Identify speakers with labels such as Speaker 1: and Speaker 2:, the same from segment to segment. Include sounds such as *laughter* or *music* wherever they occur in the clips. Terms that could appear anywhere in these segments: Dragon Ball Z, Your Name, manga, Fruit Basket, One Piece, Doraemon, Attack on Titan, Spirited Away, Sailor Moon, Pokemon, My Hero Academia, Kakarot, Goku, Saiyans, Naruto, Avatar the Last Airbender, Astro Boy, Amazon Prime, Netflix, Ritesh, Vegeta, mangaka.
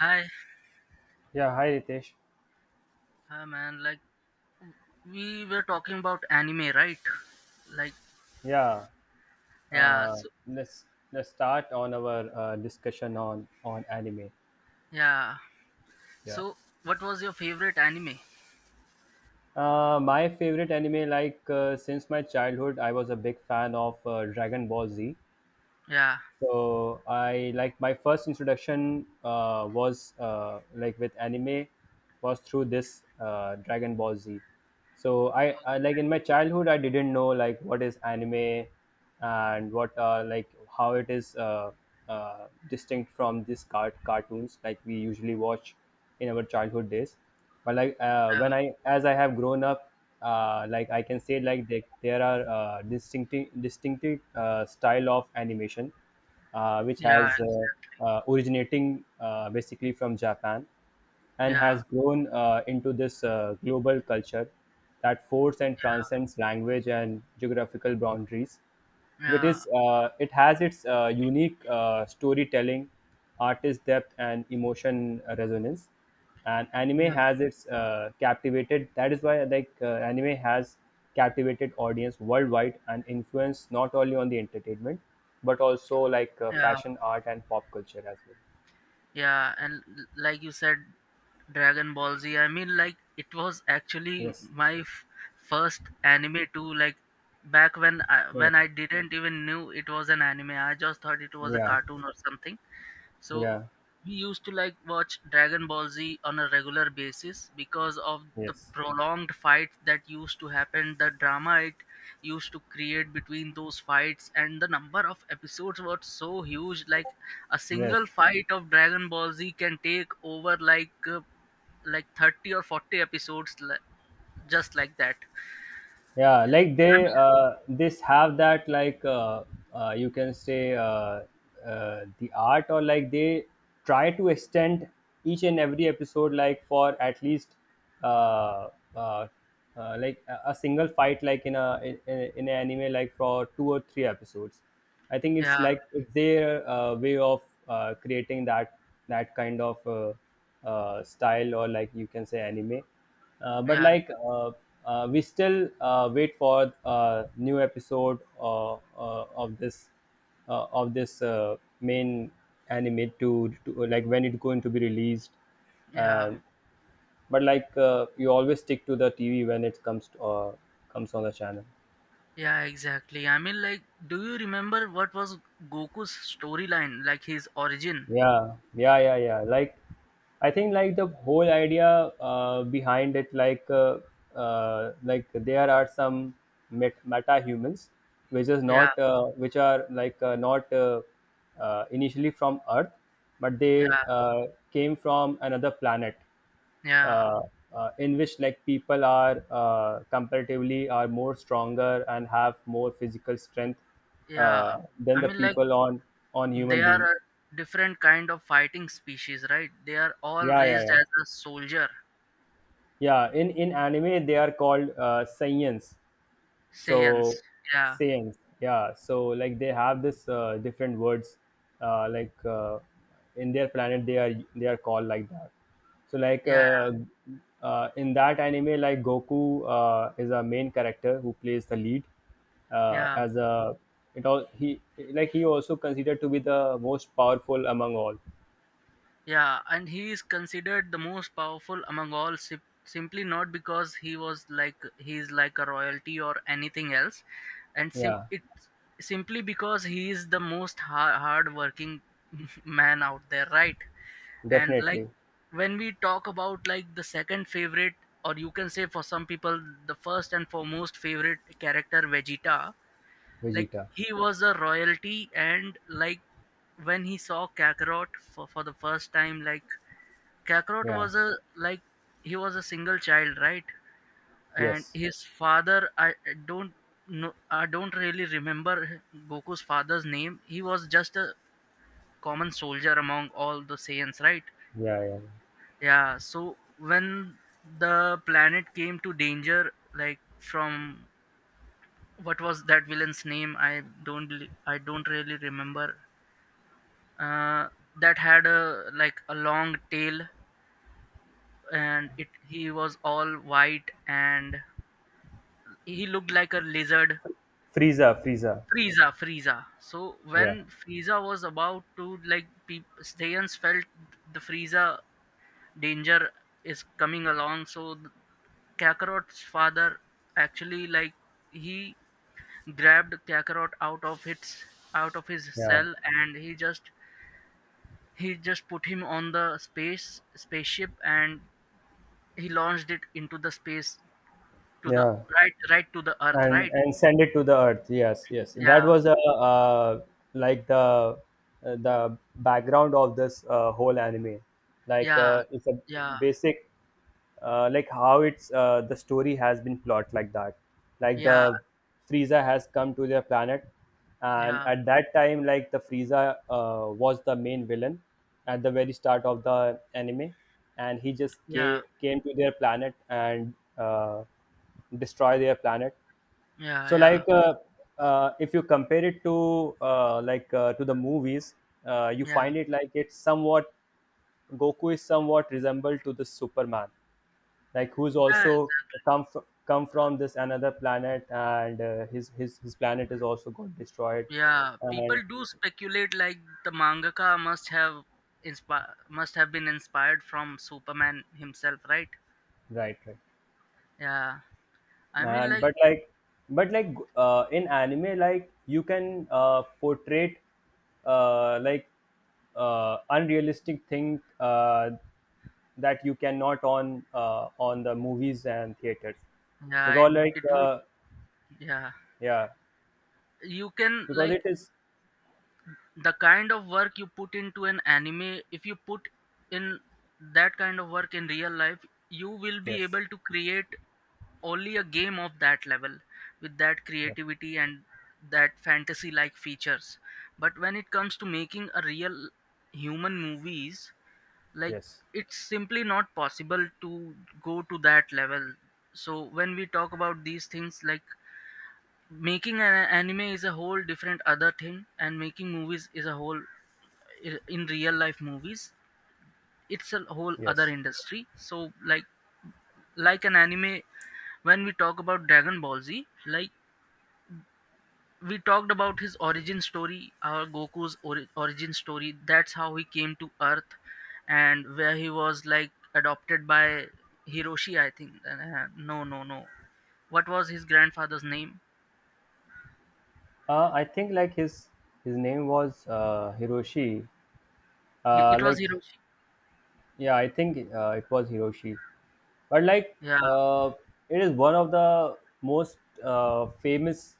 Speaker 1: Hi,
Speaker 2: Yeah, hi Ritesh.
Speaker 1: hi man. We were talking about anime, right? Like
Speaker 2: Yeah,
Speaker 1: yeah,
Speaker 2: uh,
Speaker 1: so,
Speaker 2: let's start on our discussion on anime.
Speaker 1: yeah.
Speaker 2: Yeah,
Speaker 1: So what was your favorite anime?
Speaker 2: my favorite anime, since my childhood, I was a big fan of Dragon Ball Z.
Speaker 1: Yeah.
Speaker 2: So I like my first introduction was like with anime was through this Dragon Ball Z. So I
Speaker 1: Okay.
Speaker 2: like in my childhood I didn't know like what is anime and what like how it is distinct from this cartoons like we usually watch in our childhood days. But
Speaker 1: Yeah.
Speaker 2: when I as I have grown up, like I can say like there are distinctive style of animation which
Speaker 1: Yeah.
Speaker 2: has originating basically from Japan and
Speaker 1: Yeah.
Speaker 2: has grown into this global culture that forces and transcends language and geographical boundaries. It
Speaker 1: Yeah.
Speaker 2: is it has its unique storytelling, artist depth, and emotion resonance. And anime
Speaker 1: Yeah.
Speaker 2: has its captivated. That is why anime has captivated audience worldwide and influence not only on the entertainment but also
Speaker 1: Yeah.
Speaker 2: fashion, art, and pop culture as well.
Speaker 1: Yeah. And like you said, Dragon Ball Z. It was actually
Speaker 2: Yes.
Speaker 1: my first anime too. Like back when I,
Speaker 2: Yes.
Speaker 1: when I didn't even knew it was an anime, I just thought it was a
Speaker 2: Yeah.
Speaker 1: cartoon or something. So
Speaker 2: Yeah.
Speaker 1: we used to like watch Dragon Ball Z on a regular basis because of the
Speaker 2: Yes.
Speaker 1: prolonged fight that used to happen, the drama it used to create between those fights, and the number of episodes was so huge. Like a
Speaker 2: Yes.
Speaker 1: single fight of Dragon Ball Z can take over like 30 or 40 episodes, just like that.
Speaker 2: Yeah like
Speaker 1: I
Speaker 2: they
Speaker 1: mean,
Speaker 2: this have that like you can say, the art, or like they try to extend each and every episode like for at least uh, uh, like a single fight, like in a in, in an anime, like for two or three episodes. I think it's
Speaker 1: yeah,
Speaker 2: it's their way of creating that kind of style, or like you can say anime. uh, but
Speaker 1: yeah,
Speaker 2: like uh, uh, we still wait for new episode of this main anime to like when it's going to be released,
Speaker 1: yeah.
Speaker 2: and but like you always stick to the TV when it comes comes on the channel.
Speaker 1: Yeah, exactly. Do you remember what was Goku's storyline, like his origin?
Speaker 2: Yeah, like I think like the whole idea behind it, like there are some meta humans which is
Speaker 1: Yeah,
Speaker 2: not which are not initially from earth, but they
Speaker 1: yeah,
Speaker 2: came from another planet
Speaker 1: yeah,
Speaker 2: uh, in which like people are comparatively are more stronger and have more physical strength
Speaker 1: yeah.
Speaker 2: than
Speaker 1: I
Speaker 2: the
Speaker 1: mean, like
Speaker 2: people on
Speaker 1: they
Speaker 2: human
Speaker 1: are
Speaker 2: being.
Speaker 1: a different kind of fighting species, right? They are all
Speaker 2: yeah yeah
Speaker 1: raised
Speaker 2: yeah
Speaker 1: as a soldier,
Speaker 2: yeah in anime they are called science, so
Speaker 1: Saiyans. Yeah,
Speaker 2: science. Yeah, so like they have this different words, uh, like uh, in their planet they are called like that. so like
Speaker 1: yeah,
Speaker 2: uh, in that anime, like Goku is a main character who plays the lead
Speaker 1: yeah,
Speaker 2: as a it all he Like he also considered to be the most powerful among all.
Speaker 1: yeah. And he is considered the most powerful among all, simply not because he was like he is like a royalty or anything else, and
Speaker 2: Yeah,
Speaker 1: it's simply because he is the most hard-working *laughs* man out there, right? And like
Speaker 2: definitely.
Speaker 1: when we talk about like the second favorite, or you can say for some people the first and foremost favorite character, Vegeta, like
Speaker 2: Vegeta,
Speaker 1: he was a royalty. And like when he saw Kakarot for, the first time, like Kakarot
Speaker 2: yeah,
Speaker 1: was a like he was a single child, right? And
Speaker 2: yes.
Speaker 1: his father, I don't know, I don't really remember Goku's father's name. He was just a common soldier among all the Saiyans, right?
Speaker 2: Yeah, yeah.
Speaker 1: Yeah, so when the planet came to danger, like from, what was that villain's name? I don't really remember. Uh, that had a like a long tail, and it he was all white and he looked like a lizard.
Speaker 2: Frieza, Frieza.
Speaker 1: Frieza, Frieza. So
Speaker 2: Yeah,
Speaker 1: when Frieza was about to like, peop Saiyans felt the Frieza danger is coming along so Kakarot's father actually, like, he grabbed Kakarot out of its out of his
Speaker 2: yeah,
Speaker 1: cell, and he just, he just put him on the spaceship and he launched it into the space, to the,
Speaker 2: yeah.
Speaker 1: right, right to the earth,
Speaker 2: And
Speaker 1: right?
Speaker 2: send it to the earth. Yes, that
Speaker 1: yeah
Speaker 2: was a uh like the background of this whole anime.
Speaker 1: yeah
Speaker 2: It's a
Speaker 1: yeah
Speaker 2: basic like how it's the story has been plot like that. Like
Speaker 1: yeah
Speaker 2: the Frieza has come to their planet, and
Speaker 1: yeah
Speaker 2: at that time like the Frieza was the main villain at the very start of the anime, and he just
Speaker 1: yeah
Speaker 2: came to their planet and uh, destroy their planet.
Speaker 1: yeah
Speaker 2: So,
Speaker 1: yeah
Speaker 2: if you compare it to to the movies, you
Speaker 1: yeah
Speaker 2: find it like it's somewhat— Goku is somewhat resembled to the Superman, like who's
Speaker 1: yeah
Speaker 2: also come from this another planet, and his planet is also got destroyed,
Speaker 1: Yeah,
Speaker 2: and
Speaker 1: people do speculate like the mangaka must have must have been inspired from Superman himself, right?
Speaker 2: right, right,
Speaker 1: Yeah. I mean
Speaker 2: and
Speaker 1: like
Speaker 2: but like in anime, like you can portray uh, like unrealistic thing that you cannot on on the movies and theaters
Speaker 1: yeah, it,
Speaker 2: because
Speaker 1: it would, yeah.
Speaker 2: yeah
Speaker 1: You can
Speaker 2: because
Speaker 1: like,
Speaker 2: it is.
Speaker 1: the kind of work you put into an anime, if you put in that kind of work in real life, you will be
Speaker 2: Yes.
Speaker 1: able to create only a game of that level, with that
Speaker 2: Yeah,
Speaker 1: creativity and that fantasy like features. But when it comes to making a real human movies, like,
Speaker 2: yes,
Speaker 1: it's simply not possible to go to that level. So when we talk about these things, like, making an anime is a whole different other thing, and making movies is a whole, in real life movies, it's a whole other
Speaker 2: yes.
Speaker 1: industry. So like like an anime, when we talk about Dragon Ball Z, like we talked about his origin story, our Goku's origin story, that's how he came to earth and where he was like adopted by Hiroshi, I think, no, no, no, what was his grandfather's name?
Speaker 2: I think like his name was Hiroshi, uh,
Speaker 1: It was
Speaker 2: like
Speaker 1: Hiroshi.
Speaker 2: yeah I think it was Hiroshi. But like
Speaker 1: yeah
Speaker 2: It is one of the most famous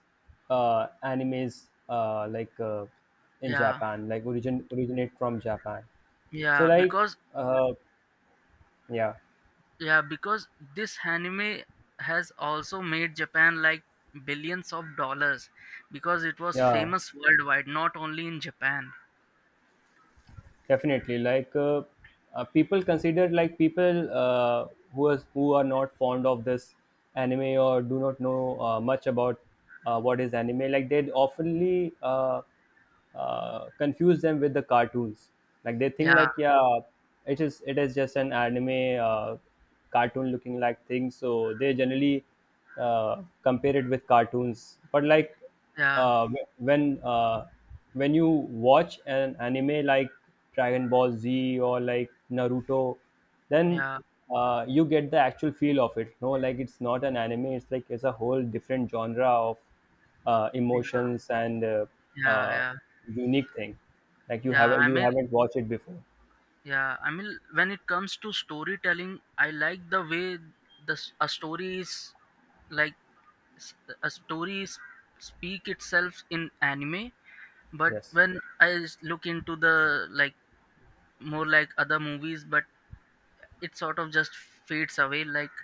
Speaker 2: animes, in
Speaker 1: yeah
Speaker 2: Japan, like originate from Japan. so
Speaker 1: yeah
Speaker 2: like
Speaker 1: because
Speaker 2: uh, Yeah,
Speaker 1: Yeah, because this anime has also made Japan like billions of dollars because it was
Speaker 2: yeah,
Speaker 1: famous worldwide, not only in Japan.
Speaker 2: definitely. People consider like people who are not fond of this anime or do not know much about what is anime. Like they oftenly confuse them with the cartoons. Like they think
Speaker 1: Yeah,
Speaker 2: like, yeah, it is just an anime cartoon looking like thing. So they generally compare it with cartoons. But
Speaker 1: yeah,
Speaker 2: uh, wh- when uh, when you watch an anime like Dragon Ball Z or like Naruto, then
Speaker 1: yeah,
Speaker 2: you get the actual feel of it. No, like it's not an anime; it's like it's a whole different genre of
Speaker 1: yeah,
Speaker 2: emotions and
Speaker 1: yeah,
Speaker 2: uh,
Speaker 1: yeah.
Speaker 2: unique thing. Like you
Speaker 1: Yeah,
Speaker 2: have you haven't watched it before.
Speaker 1: I mean, when it comes to storytelling, I like the way the s- a story is like s- a story s- speak itself in anime. But
Speaker 2: Yes,
Speaker 1: when I look into the like more like other movies, but it sort of just fades away. Like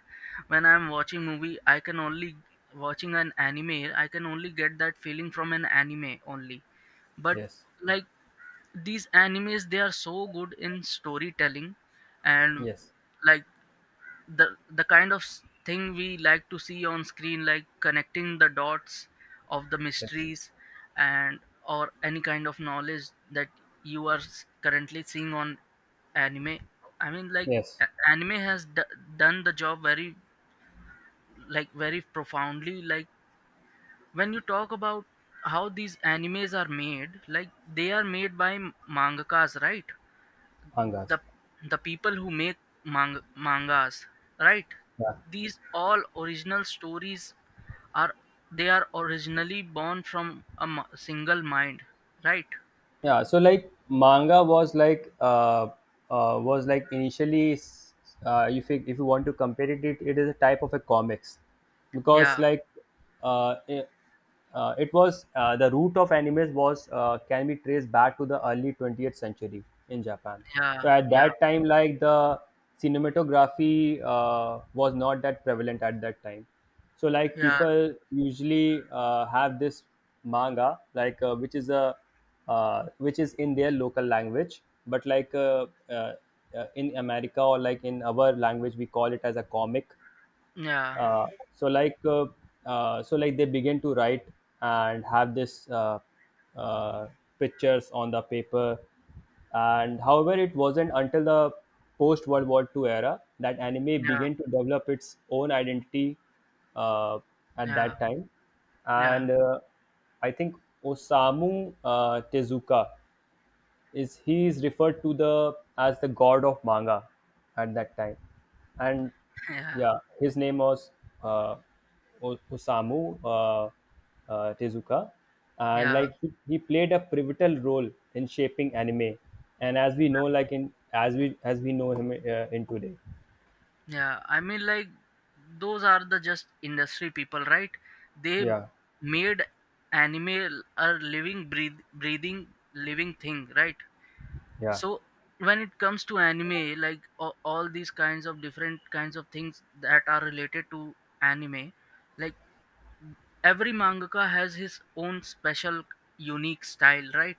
Speaker 1: when I'm watching movie I can only, watching an anime I can only get that feeling from an anime only. But
Speaker 2: yes,
Speaker 1: like these animes, they are so good in storytelling. And
Speaker 2: yes,
Speaker 1: like the kind of thing we like to see on screen, like connecting the dots of the
Speaker 2: yes,
Speaker 1: mysteries, and or any kind of knowledge that you are currently seeing on anime. I mean, like,
Speaker 2: yes.
Speaker 1: anime has done the job very, like, very profoundly. Like when you talk about how these animes are made, like they are made by mangakas, right?
Speaker 2: Angas.
Speaker 1: The people who make mangas, right?
Speaker 2: Yeah.
Speaker 1: These all original stories are, they are originally born from a single mind, right?
Speaker 2: Manga was was like initially if you want to compare it, it is a type of a comics, because
Speaker 1: yeah
Speaker 2: uh, it, it was the root of animes was can be traced back to the early 20th century in Japan.
Speaker 1: yeah
Speaker 2: So at
Speaker 1: yeah
Speaker 2: that time like the cinematography was not that prevalent at that time, so like
Speaker 1: yeah
Speaker 2: people usually have this manga which is a which is in their local language, but in America, or like in our language we call it as a comic.
Speaker 1: yeah
Speaker 2: uh, so like uh, so like they begin to write and have this uh, pictures on the paper, and however it wasn't until the post World War II era that anime
Speaker 1: yeah
Speaker 2: began to develop its own identity uh, at
Speaker 1: yeah
Speaker 2: that time.
Speaker 1: yeah
Speaker 2: And I think Osamu Tezuka is— he is referred to the as the god of manga at that time. And
Speaker 1: yeah
Speaker 2: yeah, his name was uh, Osamu Tezuka, and
Speaker 1: yeah
Speaker 2: like he played a pivotal role in shaping anime and as we know like in as we know him in today.
Speaker 1: yeah I mean, like those are the just industry people, right? They
Speaker 2: Yeah,
Speaker 1: made anime a living breathing, living thing, right?
Speaker 2: yeah.
Speaker 1: So when it comes to anime, like all these kinds of different kinds of things that are related to anime, like every mangaka has his own special unique style, right?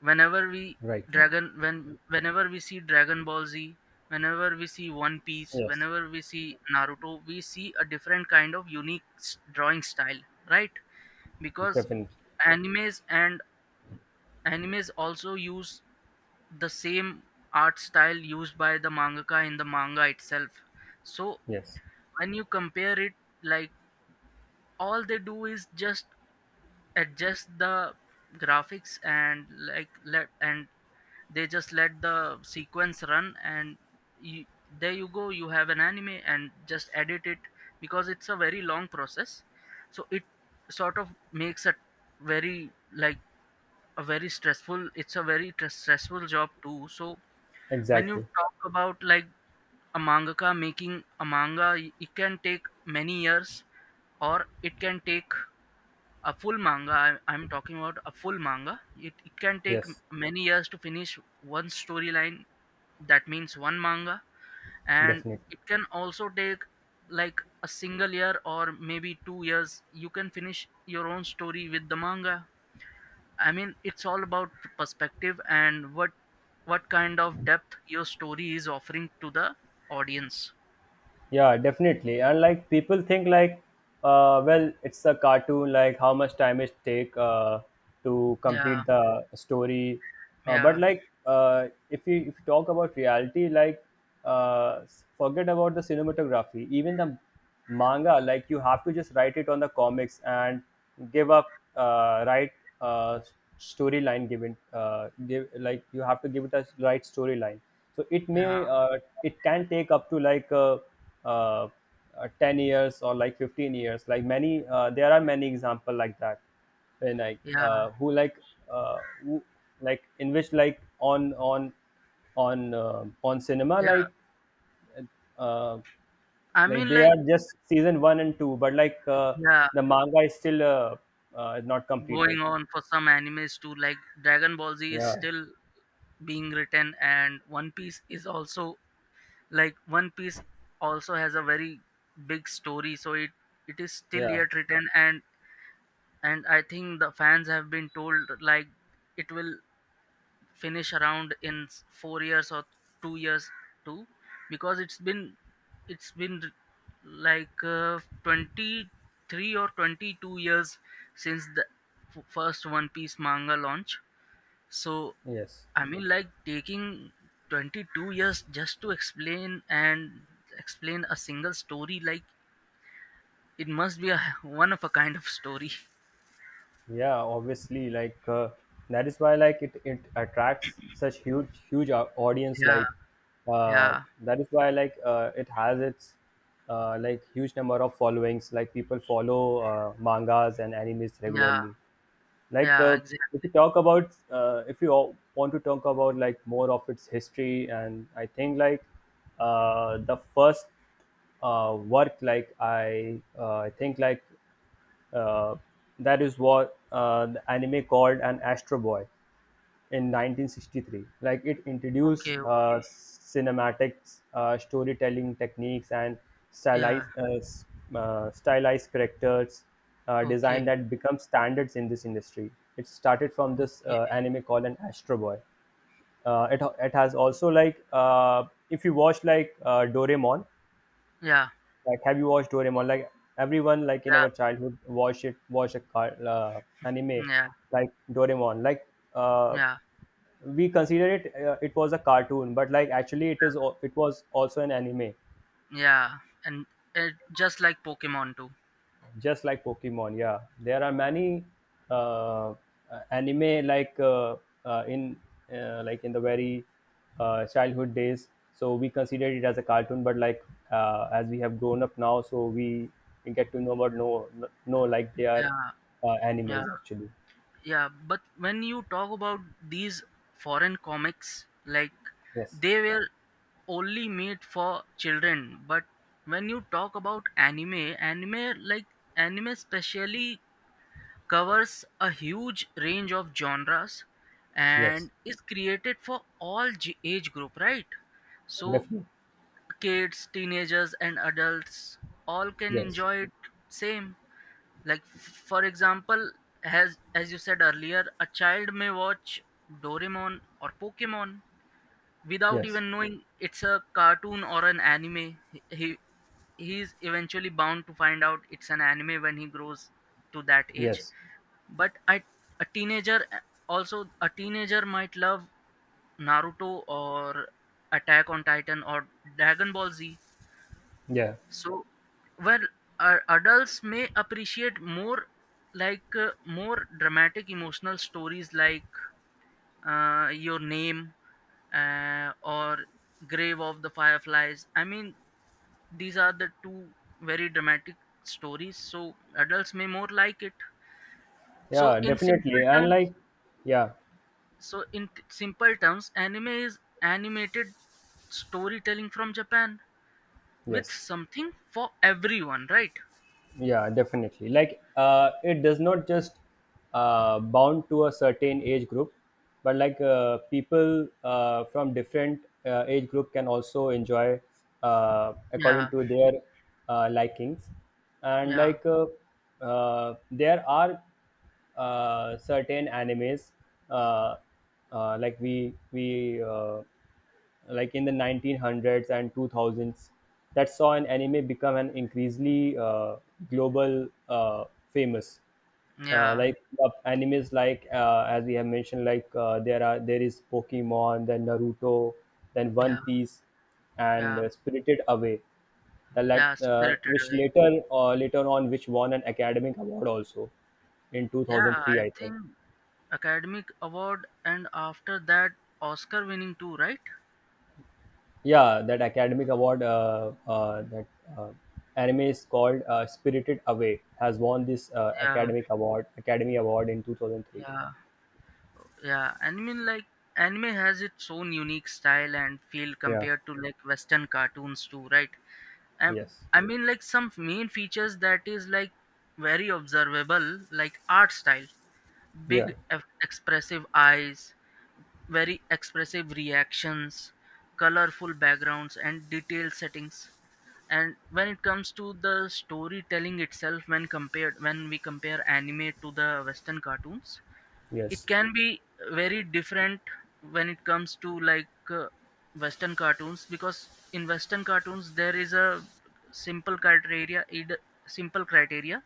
Speaker 1: whenever we
Speaker 2: Right, right.
Speaker 1: Whenever we see Dragon Ball Z, whenever we see One Piece,
Speaker 2: Yes,
Speaker 1: whenever we see Naruto, we see a different kind of unique drawing style, right? Because
Speaker 2: definitely.
Speaker 1: animes, and animes also use the same art style used by the mangaka in the manga itself. So
Speaker 2: Yes,
Speaker 1: when you compare it, like, all they do is just adjust the graphics and like let, and they just let the sequence run, and you, there you go, you have an anime, and just edit it. Because it's a very long process, so it sort of makes a very like a very stressful, it's a very stressful job too. So when you
Speaker 2: exactly.
Speaker 1: talk about like a mangaka making a manga, it can take many years, or it can take a full manga. I'm talking about a full manga. It can take
Speaker 2: Yes,
Speaker 1: many years to finish one storyline. That means one manga. And
Speaker 2: definitely.
Speaker 1: it can also take like a single year or maybe 2 years. You can finish your own story with the manga. I mean, it's all about perspective and what kind of depth your story is offering to the audience.
Speaker 2: Yeah, definitely. And like people think like, well, it's a cartoon. Like how much time it take to
Speaker 1: Yeah,
Speaker 2: complete the story? Uh, but
Speaker 1: yeah,
Speaker 2: like, uh, if you talk about reality, like, uh, forget about the cinematography. Even the manga, like you have to just write it on the comics and give up right uh, storyline given give like you have to give it a right storyline, so
Speaker 1: yeah,
Speaker 2: it can take up to uh, 10 years or like 15 years. Like many there are many example like that, when
Speaker 1: yeah,
Speaker 2: uh, who, like in which like on cinema
Speaker 1: yeah.
Speaker 2: like— uh,
Speaker 1: I
Speaker 2: like
Speaker 1: mean,
Speaker 2: they
Speaker 1: like,
Speaker 2: are just season one and two, but
Speaker 1: yeah,
Speaker 2: the manga is still not completed.
Speaker 1: going on for some animes too. Like Dragon Ball Z is
Speaker 2: Yeah,
Speaker 1: still being written, and One Piece is also, like One Piece also has a very big story, so it is still
Speaker 2: yeah,
Speaker 1: yet written. And I think the fans have been told like it will finish around in 4 years or 2 years too, because it's been, it's been r- 23 or 22 years since the first One Piece manga launch. So
Speaker 2: yes,
Speaker 1: I mean, like, taking 22 years just to explain and explain a single story, like, it must be a *laughs* one of a kind of story.
Speaker 2: yeah. Obviously, that is why it it attracts such huge audience.
Speaker 1: yeah yeah
Speaker 2: That is why it has its like huge number of followings. Like people follow mangas and animes
Speaker 1: yeah
Speaker 2: regularly. like
Speaker 1: yeah,
Speaker 2: uh,
Speaker 1: exactly.
Speaker 2: if you talk about— if you all want to talk about like more of its history, and I think like the first work, I think like uh, that is what the anime called an Astro Boy in 1963. Like it introduced
Speaker 1: Okay,
Speaker 2: cinematics, storytelling techniques, and
Speaker 1: yeah
Speaker 2: stylized, stylized characters design
Speaker 1: okay,
Speaker 2: that become standards in this industry. It started from this
Speaker 1: okay,
Speaker 2: anime called an Astro Boy. It has also if you watch Doraemon,
Speaker 1: yeah.
Speaker 2: like have you watched Doraemon? Like everyone like in
Speaker 1: Yeah,
Speaker 2: our childhood watched it, watched a anime
Speaker 1: yeah,
Speaker 2: like Doraemon. Uh,
Speaker 1: yeah,
Speaker 2: we consider it was a cartoon but like actually it was also an anime
Speaker 1: yeah, and it, just like Pokemon too.
Speaker 2: just like pokemon, yeah. There are many uh, anime uh, in like in the very childhood days, so we considered it as a cartoon but as we have grown up now, so we get to know about no, no, like they are
Speaker 1: Yeah, yeah,
Speaker 2: animes actually.
Speaker 1: yeah. But when you talk about these foreign comics, like
Speaker 2: Yes,
Speaker 1: they were only made for children. But when you talk about anime, anime specially covers a huge range of genres and
Speaker 2: yes,
Speaker 1: is created for all age group, right? So
Speaker 2: definitely.
Speaker 1: kids, teenagers, and adults all can
Speaker 2: Yes,
Speaker 1: enjoy it. Same, like, for example, as you said earlier, a child may watch Doraemon or Pokemon without
Speaker 2: yes,
Speaker 1: even knowing it's a cartoon or an anime. he he- he is eventually bound to find out it's an anime when he grows to that age.
Speaker 2: yes,
Speaker 1: But a teenager, might love Naruto or Attack on Titan or Dragon Ball Z.
Speaker 2: yeah,
Speaker 1: So, well, adults may appreciate more, more dramatic emotional stories, like Your Name or Grave of the Fireflies. I mean, these are the two very dramatic stories, so adults may more like it. So,
Speaker 2: yeah,
Speaker 1: in simple
Speaker 2: definitely. And
Speaker 1: terms,
Speaker 2: like yeah
Speaker 1: simple terms, anime is animated storytelling from Japan with
Speaker 2: yes
Speaker 1: something for everyone, right?
Speaker 2: yeah Definitely, it does not just bound to a certain age group, but people from different age group can also enjoy according
Speaker 1: Yeah,
Speaker 2: to their likings. And
Speaker 1: yeah.
Speaker 2: there are certain animes, uh, like we like in the 1900s and 2000s that saw an anime become an increasingly global famous. uh,
Speaker 1: Yeah,
Speaker 2: like Animes as we have mentioned, like, there is pokemon, then naruto, then one
Speaker 1: yeah,
Speaker 2: piece, and
Speaker 1: yeah,
Speaker 2: spirited away, the lat,
Speaker 1: yeah, Spirited
Speaker 2: which
Speaker 1: Away.
Speaker 2: later later on which won an academic award also in
Speaker 1: Yeah, I
Speaker 2: 2003, I
Speaker 1: think
Speaker 2: think.
Speaker 1: Academic Award, and after that Oscar winning too, right?
Speaker 2: Yeah, that academic award, that uh, anime is called spirited away, has won this
Speaker 1: Yeah,
Speaker 2: academic award, academy award, in 2003.
Speaker 1: yeah, yeah. And I mean like anime has its own unique style and feel
Speaker 2: Yeah,
Speaker 1: compared to like Western cartoons too, right? And
Speaker 2: yes,
Speaker 1: I mean like some main features that is like very observable, like art style,
Speaker 2: yeah,
Speaker 1: big expressive eyes, very expressive reactions, colorful backgrounds, and detailed settings. And when it comes to the storytelling itself, when we compare anime to the Western cartoons, it
Speaker 2: yes,
Speaker 1: can be very different when it comes to Western cartoons. Because in Western cartoons there is a simple criteria either simple criteria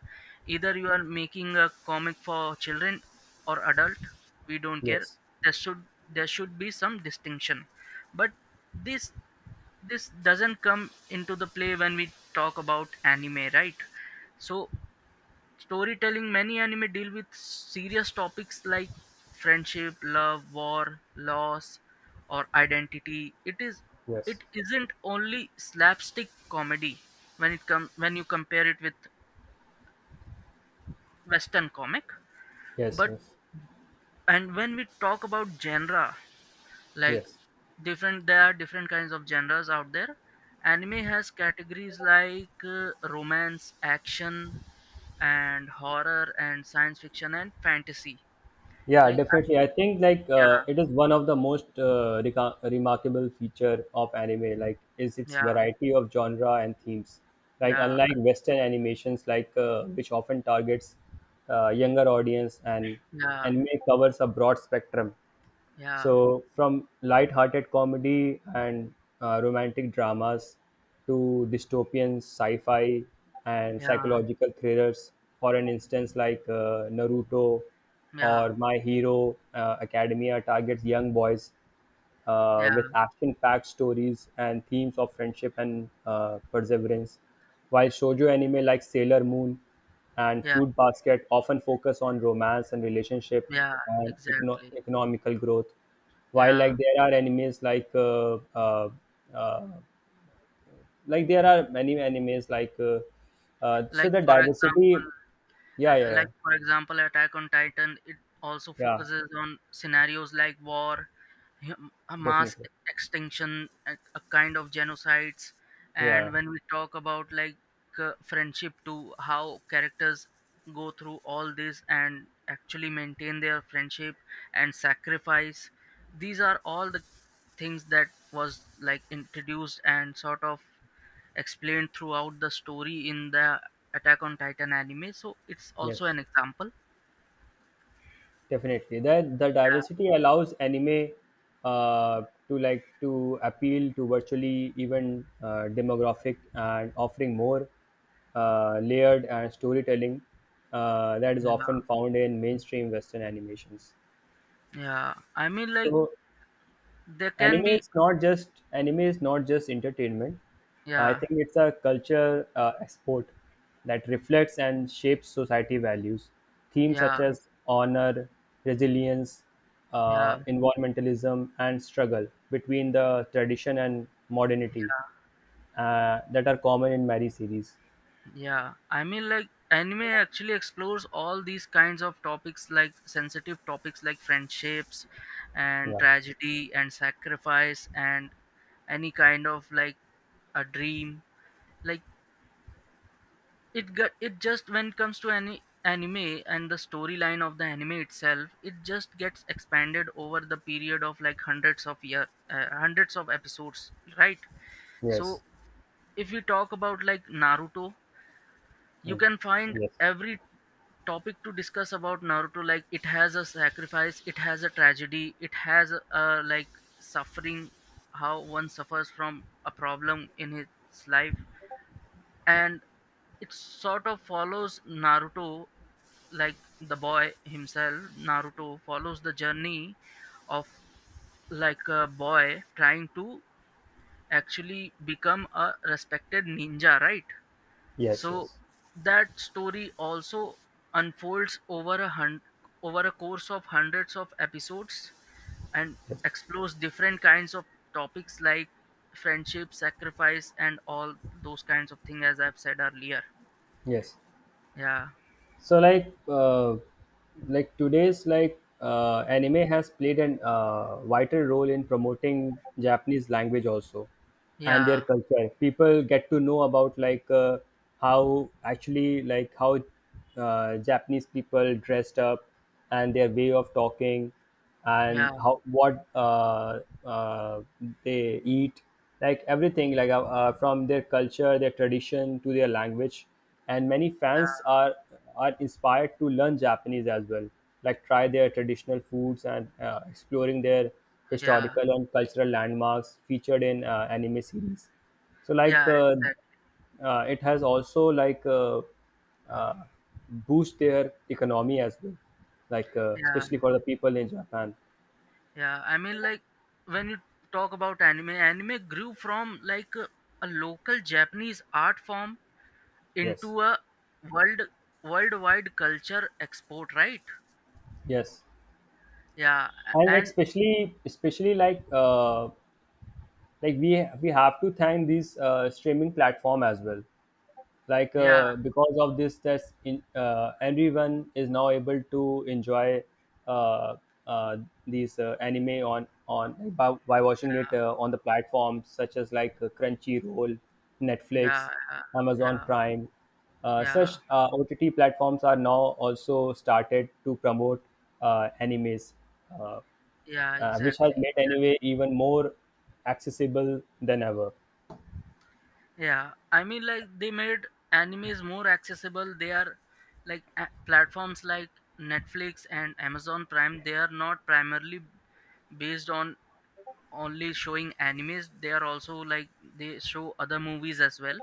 Speaker 1: either you are making a comic for children or adult, we don't care.
Speaker 2: yes,
Speaker 1: There should be some distinction. But this this doesn't come into the play when we talk about anime, right? So, storytelling, many anime deal with serious topics like friendship, love, war, loss, or identity.
Speaker 2: yes,
Speaker 1: It isn't only slapstick comedy when it comes when you compare it with Western comic.
Speaker 2: yes,
Speaker 1: But
Speaker 2: yes,
Speaker 1: and when we talk about genre, like
Speaker 2: yes.
Speaker 1: different, there are different kinds of genres out there. Anime has categories like romance, action, and horror, and science fiction, and fantasy.
Speaker 2: Yeah,
Speaker 1: Like,
Speaker 2: definitely. I think
Speaker 1: yeah,
Speaker 2: it is one of the most remarkable feature of anime. Like, is its
Speaker 1: yeah,
Speaker 2: variety of genre and themes. Like,
Speaker 1: yeah,
Speaker 2: unlike Western animations, which often targets younger audience, and anime covers a broad spectrum.
Speaker 1: yeah,
Speaker 2: So from light-hearted comedy and romantic dramas to dystopian sci-fi and
Speaker 1: yeah,
Speaker 2: psychological thrillers, for an instance, Naruto
Speaker 1: yeah, yeah,
Speaker 2: or My Hero Academia targets young boys
Speaker 1: yeah,
Speaker 2: with action-packed stories and themes of friendship and perseverance. While shoujo anime like Sailor Moon and
Speaker 1: yeah,
Speaker 2: Fruit Basket often focus on romance and relationship
Speaker 1: yeah,
Speaker 2: and
Speaker 1: exactly.
Speaker 2: economical growth, while
Speaker 1: Yeah.
Speaker 2: like there are animes uh, like there are many animes so
Speaker 1: Like
Speaker 2: the
Speaker 1: for example,
Speaker 2: diversity. Yeah, yeah, yeah,
Speaker 1: Attack on Titan, it also
Speaker 2: yeah,
Speaker 1: focuses on scenarios like war, yeah, a mass
Speaker 2: definitely.
Speaker 1: extinction, a kind of genocides. And
Speaker 2: Yeah,
Speaker 1: when we talk about friendship too, how characters go through all this and actually maintain their friendship and sacrifice, these are all the things that was like introduced and sort of explained throughout the story in the Attack on Titan anime. So it's
Speaker 2: yes.
Speaker 1: also an example.
Speaker 2: Definitely, that the
Speaker 1: Yeah,
Speaker 2: diversity allows anime uh, to like to appeal to virtually even demographic and offering more layered and storytelling that is
Speaker 1: yeah,
Speaker 2: often found in mainstream Western animations.
Speaker 1: yeah. I mean, like,
Speaker 2: So
Speaker 1: there can
Speaker 2: anime
Speaker 1: be,
Speaker 2: is not just anime is not just entertainment, I
Speaker 1: yeah,
Speaker 2: think it's a culture export that reflects and shapes society values, themes
Speaker 1: yeah.
Speaker 2: such as honor, resilience,
Speaker 1: Yeah,
Speaker 2: environmentalism, and struggle between the tradition and modernity that are common in many series.
Speaker 1: yeah. I mean, like, anime actually explores all these kinds of topics, like sensitive topics like friendships and
Speaker 2: Yeah,
Speaker 1: tragedy and sacrifice and any kind of like a dream. Like, it just when it comes to any anime and the storyline of the anime itself, it just gets expanded over the period of like hundreds of year, hundreds of episodes, right?
Speaker 2: yes.
Speaker 1: So, if you talk about like Naruto, you
Speaker 2: Mm.
Speaker 1: can find
Speaker 2: Yes,
Speaker 1: every topic to discuss about Naruto. Like, it has a sacrifice, it has a tragedy, it has a like suffering, how one suffers from a problem in his life. And it sort of follows Naruto, like the boy himself. Naruto follows the journey of like a boy trying to actually become a respected ninja, right?
Speaker 2: yes,
Speaker 1: So
Speaker 2: yes,
Speaker 1: that story also unfolds over over a course of hundreds of episodes and
Speaker 2: yes,
Speaker 1: explores different kinds of topics like friendship, sacrifice, and all those kinds of things as I've said earlier.
Speaker 2: yes.
Speaker 1: Yeah,
Speaker 2: So like today's like anime has played an vital role in promoting japanese language also, and their
Speaker 1: yeah,
Speaker 2: culture. People get to know about how actually, like how japanese people dressed up, and their way of talking, and
Speaker 1: yeah,
Speaker 2: how what uh, they eat, like everything from their culture, their tradition, to their language. And many fans are inspired to learn japanese as well, like try their traditional foods and exploring their
Speaker 1: yeah, yeah,
Speaker 2: historical and cultural landmarks featured in anime series. So
Speaker 1: yeah,
Speaker 2: it has also uh, boost their economy as well,
Speaker 1: yeah,
Speaker 2: especially for the people in japan.
Speaker 1: yeah. I mean, like, when you talk about anime, anime grew from like a local Japanese art form
Speaker 2: Yes,
Speaker 1: into a world worldwide culture export, right?
Speaker 2: yes.
Speaker 1: Yeah,
Speaker 2: And
Speaker 1: and
Speaker 2: especially, especially, like, we have to thank these streaming platform as well,
Speaker 1: yeah,
Speaker 2: because of this, that's in everyone is now able to enjoy uh, uh, these anime by watching it on the platforms such as crunchyroll,
Speaker 1: yeah,
Speaker 2: netflix,
Speaker 1: yeah, yeah,
Speaker 2: amazon
Speaker 1: yeah,
Speaker 2: prime.
Speaker 1: yeah,
Speaker 2: Such ott platforms are now also started to promote animes, uh,
Speaker 1: yeah,
Speaker 2: which has
Speaker 1: exactly.
Speaker 2: made anime even more accessible than ever.
Speaker 1: Yeah, I mean, like, they made animes more accessible. They are like platforms like Netflix and Amazon Prime. They are not primarily based on only showing animes. They are also like they show other movies as well,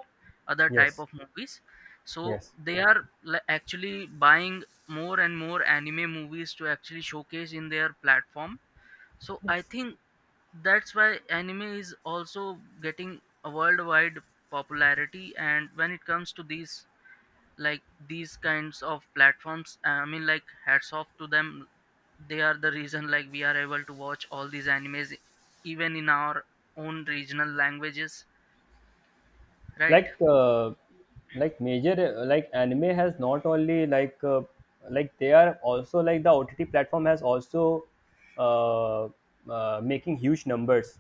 Speaker 1: other type
Speaker 2: Yes,
Speaker 1: of movies. So
Speaker 2: yes,
Speaker 1: they are actually buying more and more anime movies to actually showcase in their platform. So I
Speaker 2: yes.
Speaker 1: think that's why anime is also getting a worldwide popularity. And when it comes to these, like these kinds of platforms, I mean, like, hats off to them. They are the reason like we are able to watch all these animes, even in our own regional languages, right?
Speaker 2: Like, like major, anime has not only like they are also like, the OTT platform has also uh, making huge numbers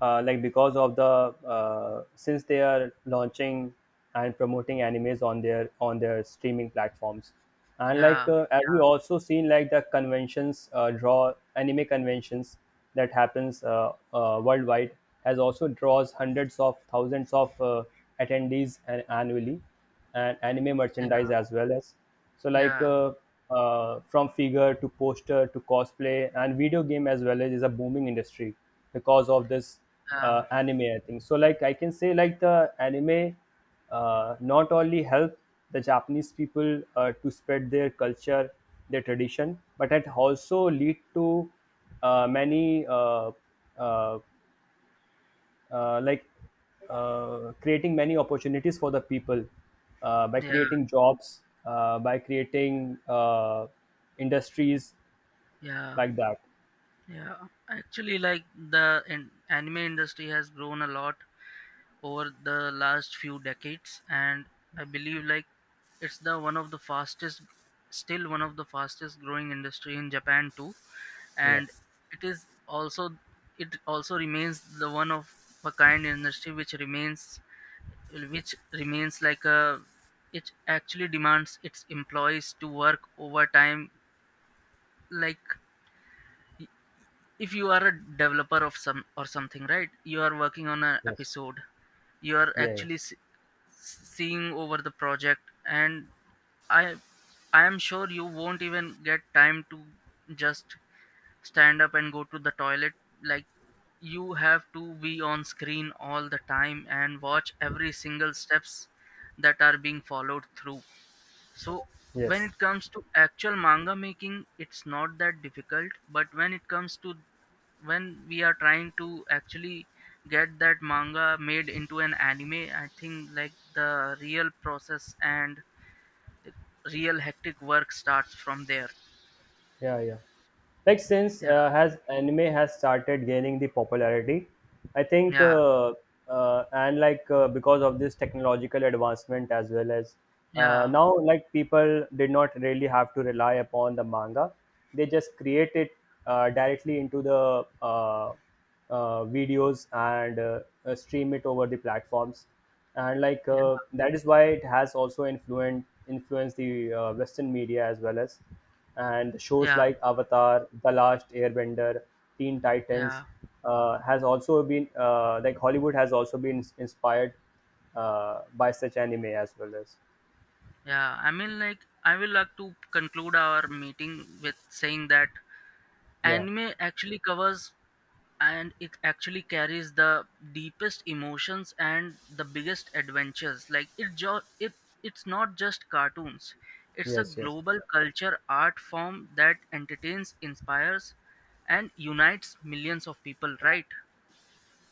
Speaker 2: like because of the since they are launching and promoting animes on their, on their streaming platforms. And
Speaker 1: Yeah,
Speaker 2: as we also seen, like the conventions, draw anime conventions that happens worldwide, has also draws hundreds of thousands of attendees annually, and anime
Speaker 1: yeah,
Speaker 2: merchandise as well. As so
Speaker 1: yeah,
Speaker 2: from figure to poster to cosplay and video game as well, as is a booming industry because of this
Speaker 1: yeah,
Speaker 2: anime. I think so, like I can say like the anime not only help the Japanese people to spread their culture, their tradition, but it also lead to many uh, like creating many opportunities for the people by
Speaker 1: yeah,
Speaker 2: creating jobs, by creating industries
Speaker 1: yeah,
Speaker 2: like that.
Speaker 1: yeah. Actually, like the anime industry has grown a lot over the last few decades. And I believe like it's the one of the fastest still one of the fastest growing industry in Japan too. And
Speaker 2: Yes.
Speaker 1: it is also, it also remains the one of a kind industry which remains like a, it actually demands its employees to work overtime. Like, if you are a developer of some or something, right, you are working on an
Speaker 2: Yes.
Speaker 1: episode, you are
Speaker 2: Yeah, yeah.
Speaker 1: actually seeing over the project. And i I am sure you won't even get time to just stand up and go to the toilet. Like, you have to be on screen all the time and watch every single steps that are being followed through. So when
Speaker 2: Yes.
Speaker 1: it comes to actual manga making, it's not that difficult. But when it comes to, when we are trying to actually get that manga made into an anime, I think like the real process and real hectic work starts from there.
Speaker 2: Yeah, yeah. Like since
Speaker 1: Yeah,
Speaker 2: has anime has started gaining the popularity, I think,
Speaker 1: yeah,
Speaker 2: and like because of this technological advancement as well, as
Speaker 1: yeah,
Speaker 2: now, like people did not really have to rely upon the manga, they just create it directly into the videos, and stream it over the platforms. And
Speaker 1: yeah,
Speaker 2: that is why it has also influenced the western media as well, as and shows
Speaker 1: yeah,
Speaker 2: like avatar the last airbender, teen
Speaker 1: yeah.
Speaker 2: titans, has also been hollywood has also been inspired by such anime as well. As
Speaker 1: Yeah, I mean, like, I will like to conclude our meeting with saying that
Speaker 2: yeah,
Speaker 1: anime actually covers and it actually carries the deepest emotions and the biggest adventures. Like, it's not just cartoons. It's a
Speaker 2: yes, yes.
Speaker 1: global culture art form that entertains, inspires, and unites millions of people, right?